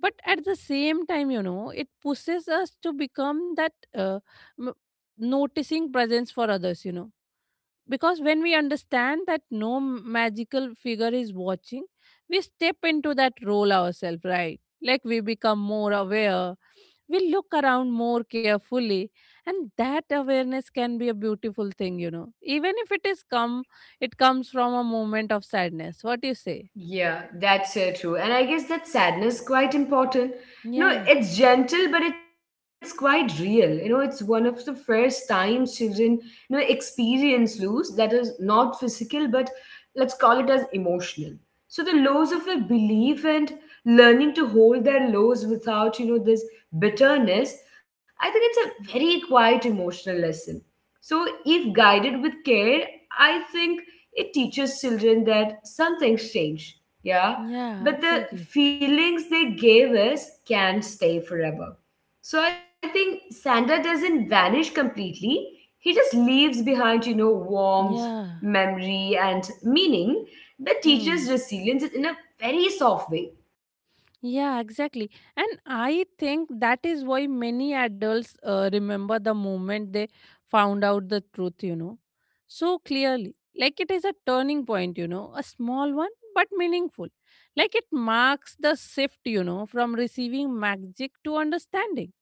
But at the same time, you know, it pushes us to become that uh, m- noticing presence for others, you know, because when we understand that no magical figure is watching, we step into that role ourselves, right? Like we become more aware, we look around more carefully, and that awareness can be a beautiful thing, you know, even if it is come it comes from a moment of sadness. What do you say?
Yeah, that's so true. And I guess that sadness quite important. You know,
Yeah,
it's gentle, but it's quite real. You know, it's one of the first times children, you know, experience loss that is not physical, but let's call it as emotional. So the loss of a belief and learning to hold their lows without, you know, this bitterness, I think it's a very quiet emotional lesson. So if guided with care, I think it teaches children that some things change, yeah,
yeah,
but the
exactly.
feelings they gave us can stay forever. So I think Santa doesn't vanish completely. He just leaves behind, you know, warmth,
Yeah.
memory, and meaning that
Hmm.
teaches resilience in a very soft way.
Yeah, exactly. And I think that is why many adults uh, remember the moment they found out the truth, you know, so clearly. Like it is a turning point, you know, a small one, but meaningful. Like it marks the shift, you know, from receiving magic to understanding,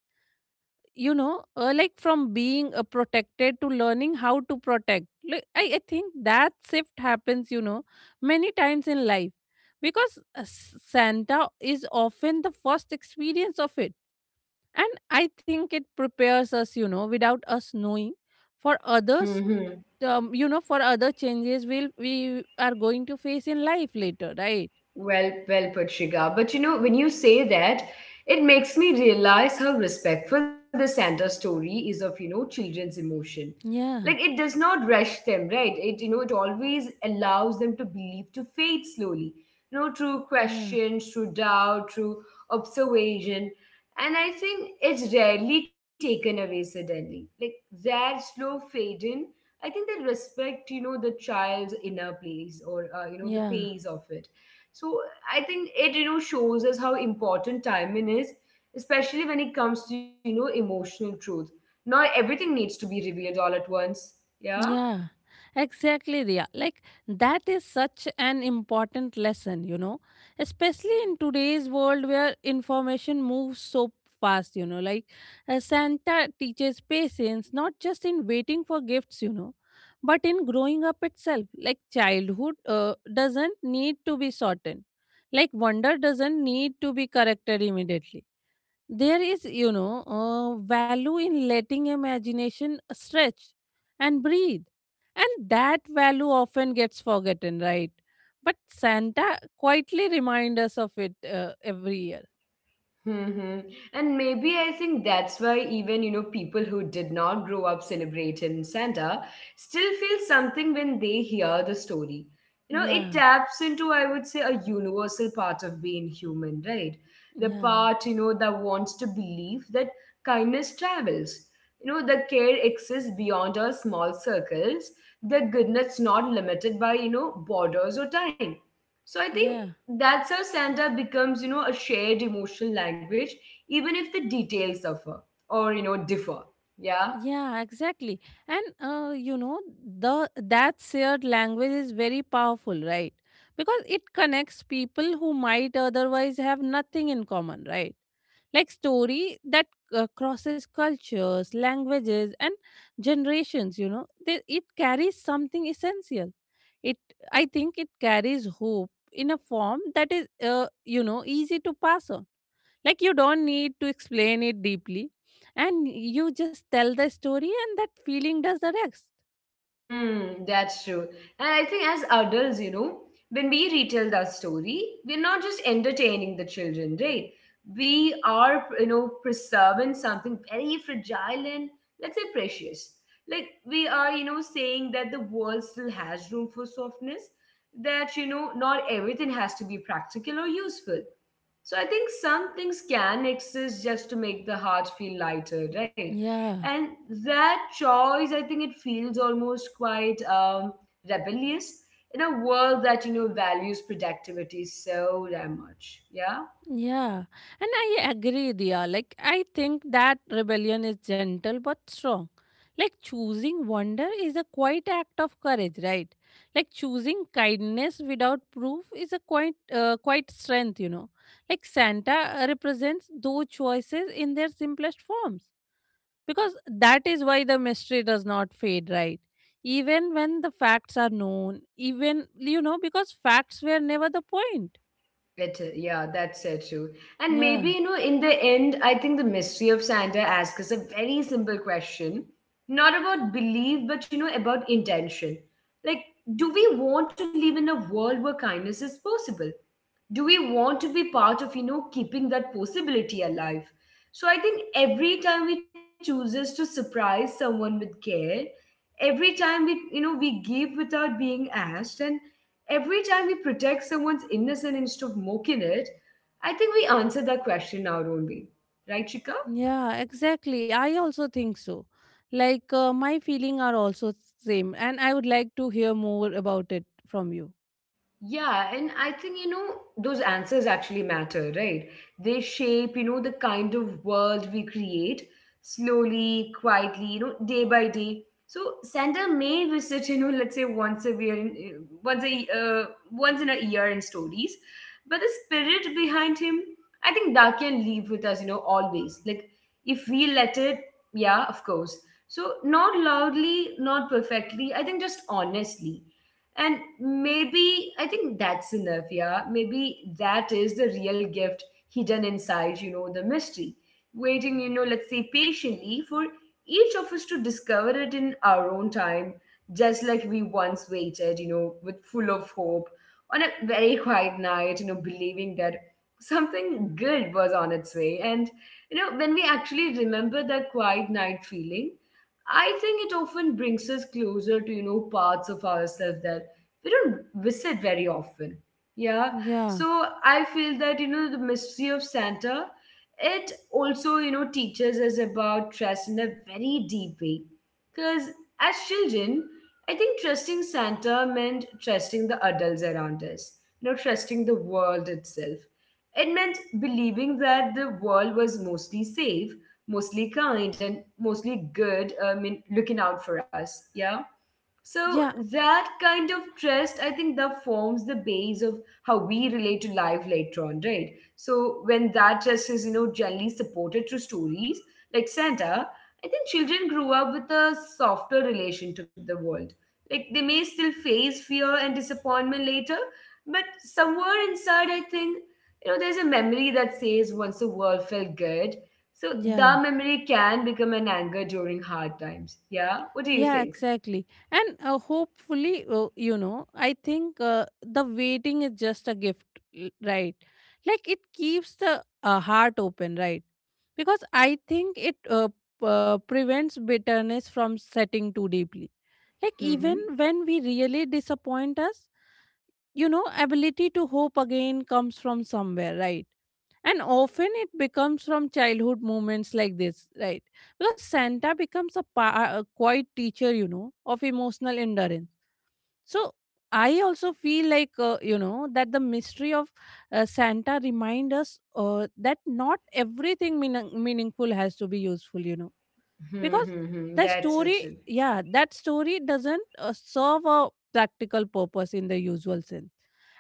you know, uh, like from being uh, protected to learning how to protect. Like, I, I think that shift happens, you know, many times in life because uh, s- Santa is often the first experience of it. And I think it prepares us, you know, without us knowing for others, um, you know, for other changes we'll, we are going to face in life later, right?
Well, well put, Shiga. But you know, when you say that, it makes me realize how respectful the Santa story is of, you know, children's emotion. Like it
Yeah,
does not rush them, right? It, you know, it always allows them to believe to fade slowly. You know, through
yeah,
questions, through doubt, through observation. And I think it's rarely taken away suddenly. Like that slow fade in, I think they respect, you know, the child's inner place or, uh, you know, the
yeah.
pace of it. So I think it you know shows us how important timing is, especially when it comes to you know emotional truth. Not everything needs to be revealed all at once. Yeah.
Yeah, exactly, Ria. Like, that is such an important lesson, you know, especially in today's world where information moves so fast, you know. Like, uh, Santa teaches patience not just in waiting for gifts, you know, but in growing up itself. Like, childhood uh, doesn't need to be shortened, like, wonder doesn't need to be corrected immediately. There is, you know, uh, value in letting imagination stretch and breathe, and that value often gets forgotten, right? But Santa quietly reminds us of it uh, every year.
Hmm. And maybe I think that's why even you know people who did not grow up celebrating Santa still feel something when they hear the story. You know, it
Yeah,
taps into I would say a universal part of being human, right? The
yeah,
part you know that wants to believe that kindness travels. You know, the care exists beyond our small circles. The goodness not limited by you know borders or time. So I think
yeah.
that's how Santa becomes, you know, a shared emotional language, even if the details suffer or, you know, differ. Yeah.
Yeah, exactly. And uh, you know, the that shared language is very powerful, right? Because it connects people who might otherwise have nothing in common, right? Like story that uh, crosses cultures, languages and generations, you know, they, it carries something essential. It, I think it carries hope in a form that is, uh, you know, easy to pass on. Like you don't need to explain it deeply, and you just tell the story and that feeling does the rest.
Hmm, that's true. And I think as adults, you know, when we retell that story, we're not just entertaining the children, right? We are, you know, preserving something very fragile and, let's say, precious. Like, we are, you know, saying that the world still has room for softness, that, you know, not everything has to be practical or useful. So I think some things can exist just to make the heart feel lighter, right?
Yeah.
And that choice, I think it feels almost quite um, rebellious in a world that you know values productivity so damn much. Yeah,
Yeah, and I agree, Dia. Like, I think that rebellion is gentle but strong. Like, choosing wonder is a quiet act of courage, right? Like, choosing kindness without proof is a quite, uh, quite strength, you know. Like, Santa represents those choices in their simplest forms because that is why the mystery does not fade, right? Even when the facts are known, even, you know, because facts were never the point.
it yeah, that's it too. And maybe
Yeah.
you know, in the end, I think the mystery of Santa asks us a very simple question, not about belief, but you know, about intention. Like, do we want to live in a world where kindness is possible? Do we want to be part of you know keeping that possibility alive? So I think every time we chooses to surprise someone with care, every time we you know we give without being asked, and every time we protect someone's innocence instead of mocking it, I think we answer that question our own way, right, Chika?
Yeah, exactly. I also think so. Like uh, my feeling are also same and I would like to hear more about it from you.
Yeah, and I think, you know, those answers actually matter, right? They shape, you know, the kind of world we create slowly, quietly, you know, day by day. So Santa may visit, you know, let's say once a year, in, once a uh, once in a year in stories, but the spirit behind him, I think that can live with us, you know, always. Like if we let it, yeah, of course. So not loudly, not perfectly. I think just honestly, and maybe I think that's enough, yeah. Maybe that is the real gift hidden inside, you know, the mystery. Waiting, you know, let's say patiently for each of us to discover it in our own time, just like we once waited, you know, with full of hope on a very quiet night, you know, believing that something good was on its way. And, you know, when we actually remember that quiet night feeling, I think it often brings us closer to, you know, parts of ourselves that we don't visit very often. Yeah.
Yeah.
So I feel that you know the mystery of Santa, it also you know teaches us about trust in a very deep way. Because as children, I think trusting Santa meant trusting the adults around us, you know trusting the world itself. It meant believing that the world was mostly safe, mostly kind, and mostly good. I mean, looking out for us. Yeah. So
Yeah.
that kind of trust, I think that forms the base of how we relate to life later on, right? So when that trust is, you know, generally supported through stories like Santa, I think children grew up with a softer relation to the world. Like they may still face fear and disappointment later, but somewhere inside, I think, you know, there's a memory that says once the world felt good. So
Yeah.
that memory can become an anger during hard times. Yeah? What do you
Yeah,
think?
exactly. And uh, hopefully, uh, you know, I think uh, the waiting is just a gift, l- right? Like it keeps the uh, heart open, right? Because I think it uh, p- uh, prevents bitterness from setting too deeply. Like even
Hmm.
when we really disappoint us, you know, ability to hope again comes from somewhere, right? And often it becomes from childhood moments like this, right? Because Santa becomes a, pa- a quiet teacher, you know, of emotional endurance. So I also feel like, uh, you know, that the mystery of uh, Santa remind us uh, that not everything meaning- meaningful has to be useful, you know, because
Mm-hmm.
the
That's uh, true.
story, yeah, that story doesn't uh, serve a practical purpose in the usual sense,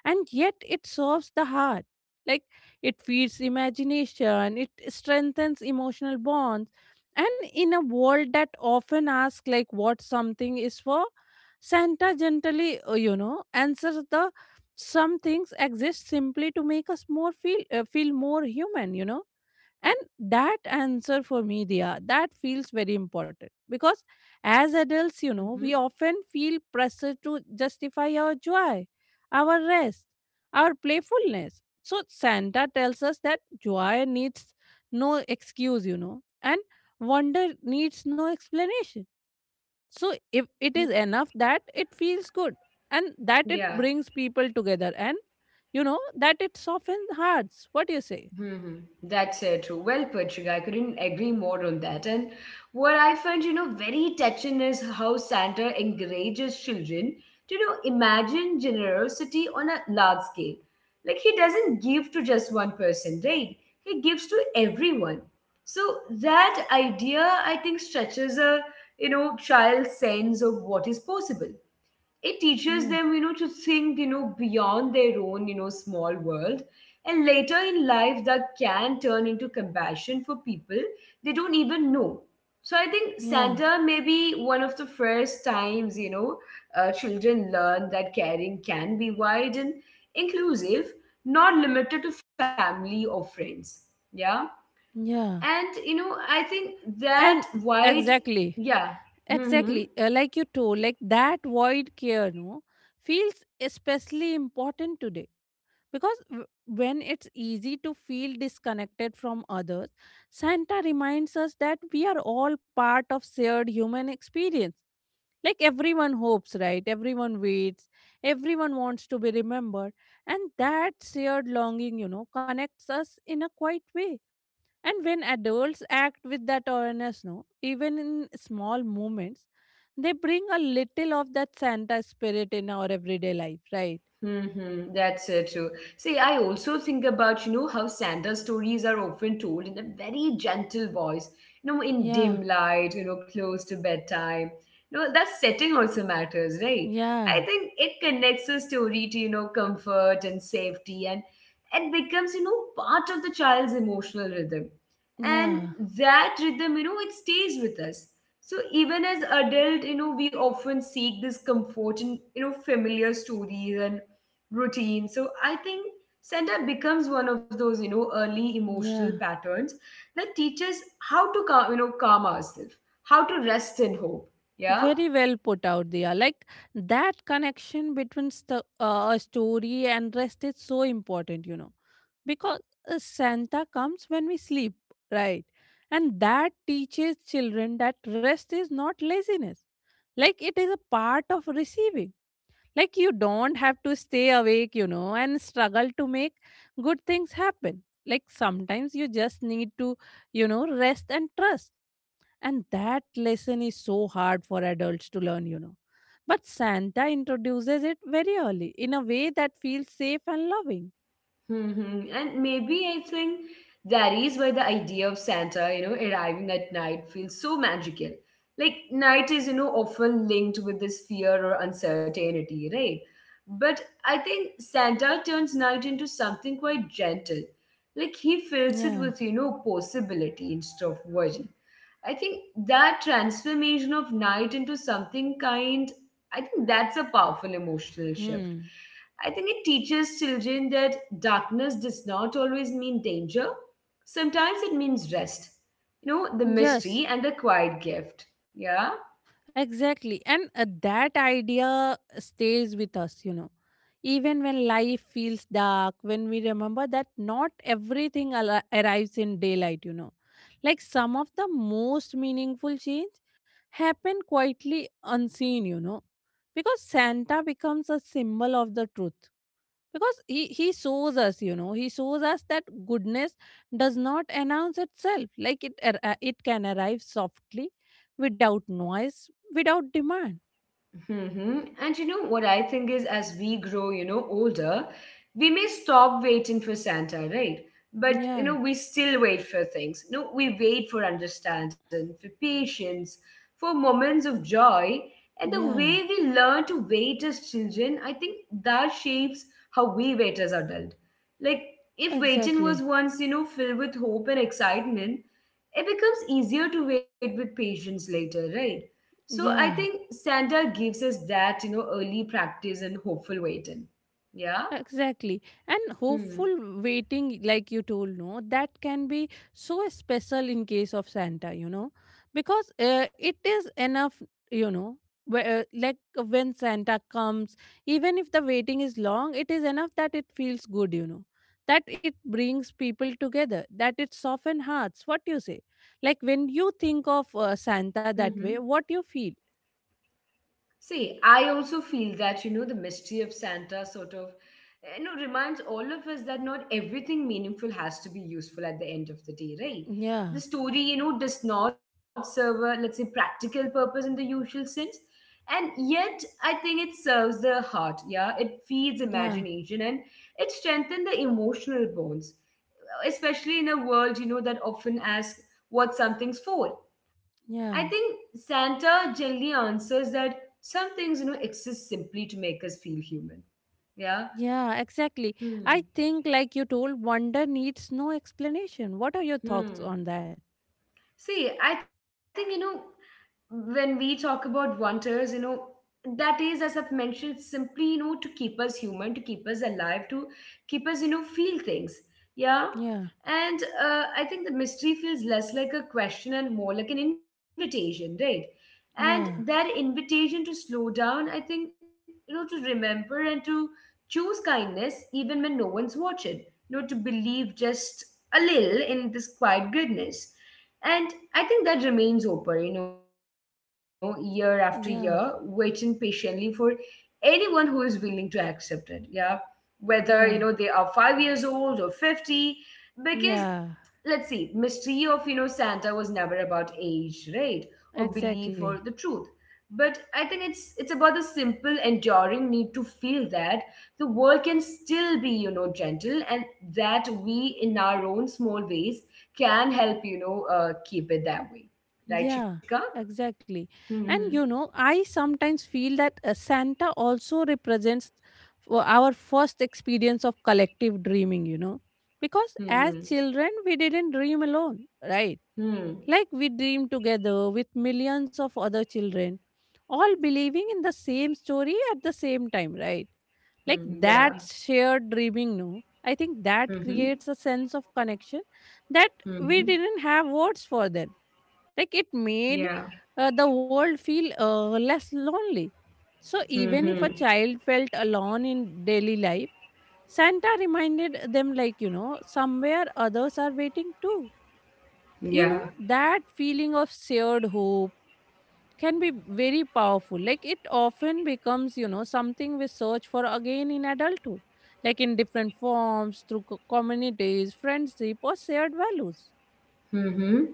and yet it serves the heart. Like it feeds imagination, it strengthens emotional bonds, and in a world that often asks like what something is for, Santa gently, uh, you know, answers the some things exist simply to make us more feel uh, feel more human, you know. And that answer for me, Dia, that feels very important because as adults, you know,
Mm-hmm.
we often feel pressure to justify our joy, our rest, our playfulness. So Santa tells us that joy needs no excuse, you know, and wonder needs no explanation. So if it is enough that it feels good and that it
Yeah.
brings people together and you know that it softens hearts. What do you say?
Mm-hmm. That's uh, true. Well put, Shiga. I couldn't agree more on that. And what I find, you know, very touching is how Santa encourages children to, you know, imagine generosity on a large scale. Like he doesn't give to just one person, right? He gives to everyone. So that idea, I think, stretches a, you know, child's sense of what is possible. It teaches
Yeah.
them, you know, to think, you know, beyond their own, you know, small world, and later in life that can turn into compassion for people they don't even know. So I think
Yeah.
Santa may be one of the first times, you know, uh, children learn that caring can be wide and inclusive, not limited to family or friends. Yeah.
Yeah.
And, you know, I think that
And
wide,
exactly,
yeah.
exactly.
Hmm.
Uh, like you told, like that void care, no, feels especially important today because w- when it's easy to feel disconnected from others, Santa reminds us that we are all part of shared human experience. Like everyone hopes, right? Everyone waits, everyone wants to be remembered, and that shared longing, you know, connects us in a quiet way. And when adults act with that awareness, no, even in small moments, they bring a little of that Santa spirit in our everyday life, right?
Mm-hmm, that's uh, true. See, I also think about, you know, how Santa's stories are often told in a very gentle voice, you know, in
Yeah,
dim light, you know, close to bedtime. You know, that setting also matters, right? I
yeah,
think it connects the story to, you know, comfort and safety, and it becomes, you know, part of the child's emotional rhythm. And
yeah,
that rhythm, you know, it stays with us. So even as adult, you know, we often seek this comfort in, you know, familiar stories and routine. So I think center becomes one of those, you know, early emotional
yeah.
patterns that teaches how to calm, you know, calm ourselves, how to rest and hope. Yeah.
Very well put out, Dia. Like that connection between st- uh, a story and rest is so important, you know, because uh, Santa comes when we sleep, right? And that teaches children that rest is not laziness, like it is a part of receiving. Like you don't have to stay awake, you know, and struggle to make good things happen. Like sometimes you just need to, you know, rest and trust. And that lesson is so hard for adults to learn, you know. But Santa introduces it very early in a way that feels safe and loving.
Hmm. And maybe I think that is why the idea of Santa, you know, arriving at night feels so magical. Like, night is, you know, often linked with this fear or uncertainty, right? But I think Santa turns night into something quite gentle. Like, he fills it
Yeah.
with, you know, possibility instead of worry. I think that transformation of night into something kind, I think that's a powerful emotional shift.
Hmm.
I think it teaches children that darkness does not always mean danger. Sometimes it means rest, you know, the
Yes.
mystery and the quiet gift. Yeah.
Exactly. And uh, that idea stays with us, you know. Even when life feels dark, when we remember that not everything al- uh, arrives in daylight, you know. Like some of the most meaningful change happen quietly unseen, you know. Because Santa becomes a symbol of the truth because he he shows us, you know, he shows us that goodness does not announce itself, like it ar- uh, it can arrive softly, without noise, without demand.
Hmm. And you know what I think is, as we grow, you know, older, we may stop waiting for Santa, right? But you
Yeah,
know, we still wait for things. You know, we wait for understanding, for patience, for moments of joy. And the way
yeah,
we learn to wait as children, I think that shapes how we wait as adult. Like if waiting was
exactly.
once, you know, filled with hope and excitement, it becomes easier to wait with patience later, right? So I
Yeah.
think Santa gives us that, you know, early practice and hopeful waiting. Yeah.
Exactly. And
Hmm.
hopeful waiting, like you told, no, that can be so special in case of Santa, you know, because uh, it is enough, you know, wh- uh, like when Santa comes, even if the waiting is long, it is enough that it feels good, you know, that it brings people together, that it softens hearts. What you say? Like when you think of uh, Santa
Mm-hmm.
that way, what you feel?
See, I also feel that, you know, the mystery of Santa sort of, you know, reminds all of us that not everything meaningful has to be useful at the end of the day, right?
Yeah,
The story, you know, does not serve a, let's say, practical purpose in the usual sense. And yet, I think it serves the heart. Yeah. It feeds
yeah,
imagination, and it strengthens the emotional bonds, especially in a world, you know, that often asks what something's for. I
yeah.
think Santa generally answers that some things, you know, exist simply to make us feel human. Yeah.
Yeah, exactly. I
Hmm.
think, like you told, wonder needs no explanation. What are your thoughts on
Hmm.
that?
See, I think, you know, when we talk about wonders, you know, that is, as I've mentioned, it's simply, you know, to keep us human, to keep us alive, to keep us, you know, feel things. Yeah.
Yeah,
And uh, I think the mystery feels less like a question and more like an invitation, right? And that
yeah,
invitation to slow down, I think, you know, to remember and to choose kindness even when no one's watching, you know, to believe just a little in this quiet goodness, and I think that remains open, you know, year after year, waiting patiently
yeah,
for anyone who is willing to accept it. Yeah. Whether, you know, they are five years
yeah,
old or fifty, because let's see,
yeah,
mystery of, you know, Santa was never about age, right? Or belief or the truth.
exactly.
But I think it's it's about the simple enduring need to feel that the world can still be, you know, gentle, and that we, in our own small ways, can help, you know, uh, keep it that way, right, Shika?
Yeah, exactly.
Hmm.
And you know, I sometimes feel that uh, Santa also represents w- our first experience of collective dreaming, you know, because
Hmm.
as children, we didn't dream alone, right?
Hmm.
Like we dream together with millions of other children, all believing in the same story at the same time, right? Like
Hmm. Yeah.
that shared dreaming, no? I think that
Hmm. Hmm.
creates a sense of connection that we didn't have words for then. Like it
Yeah.
made uh, the world feel uh, less lonely. So even if a
Hmm.
child felt alone in daily life, Santa reminded them, like, you know, somewhere others are waiting too, you know,
Yeah.
that feeling of shared hope can be very powerful, like it often becomes, you know, something we search for again in adulthood, like in different forms through co- communities, friendship or shared values.
Mm-hmm.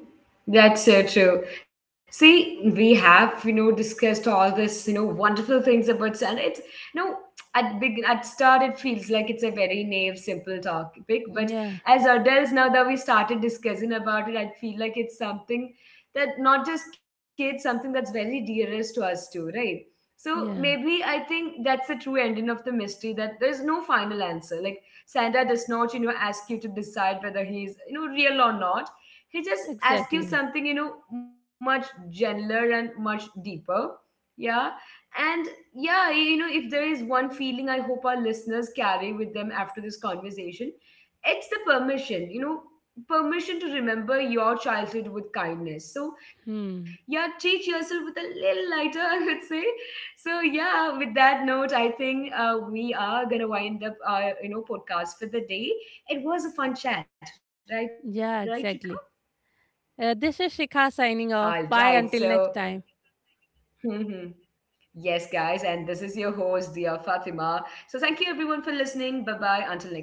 That's so true. See, we have, you know, discussed all this, you know, wonderful things about sun. It's, you know, at big at start it feels like it's a very naive, simple topic, but
Yeah,
as adults now that we started discussing about it, I feel like it's something that not just kids, something that's very dearest to us too, right? So maybe
yeah,
I think that's the true ending of the mystery, that there's no final answer. Like Santa does not, you know, ask you to decide whether he's, you know, real or not. He just asks you
exactly.
something, you know, much gentler and much deeper. Yeah. And yeah, y- you know, if there is one feeling I hope our listeners carry with them after this conversation, it's the permission, you know, permission to remember your childhood with kindness. So yeah,
Hmm.
treat yourself with a little lighter I would say. So yeah, with that note, I think uh, we are gonna wind up our, you know, podcast for the day. It was a fun chat, right? Right, Shika?
Yeah, exactly. uh, this is
All
Shikha
right.
signing off.
So,
Bye, until next time.
yes, guys. And this is your host, Dia Fatima. So, thank you everyone for listening. Bye bye. Until next time.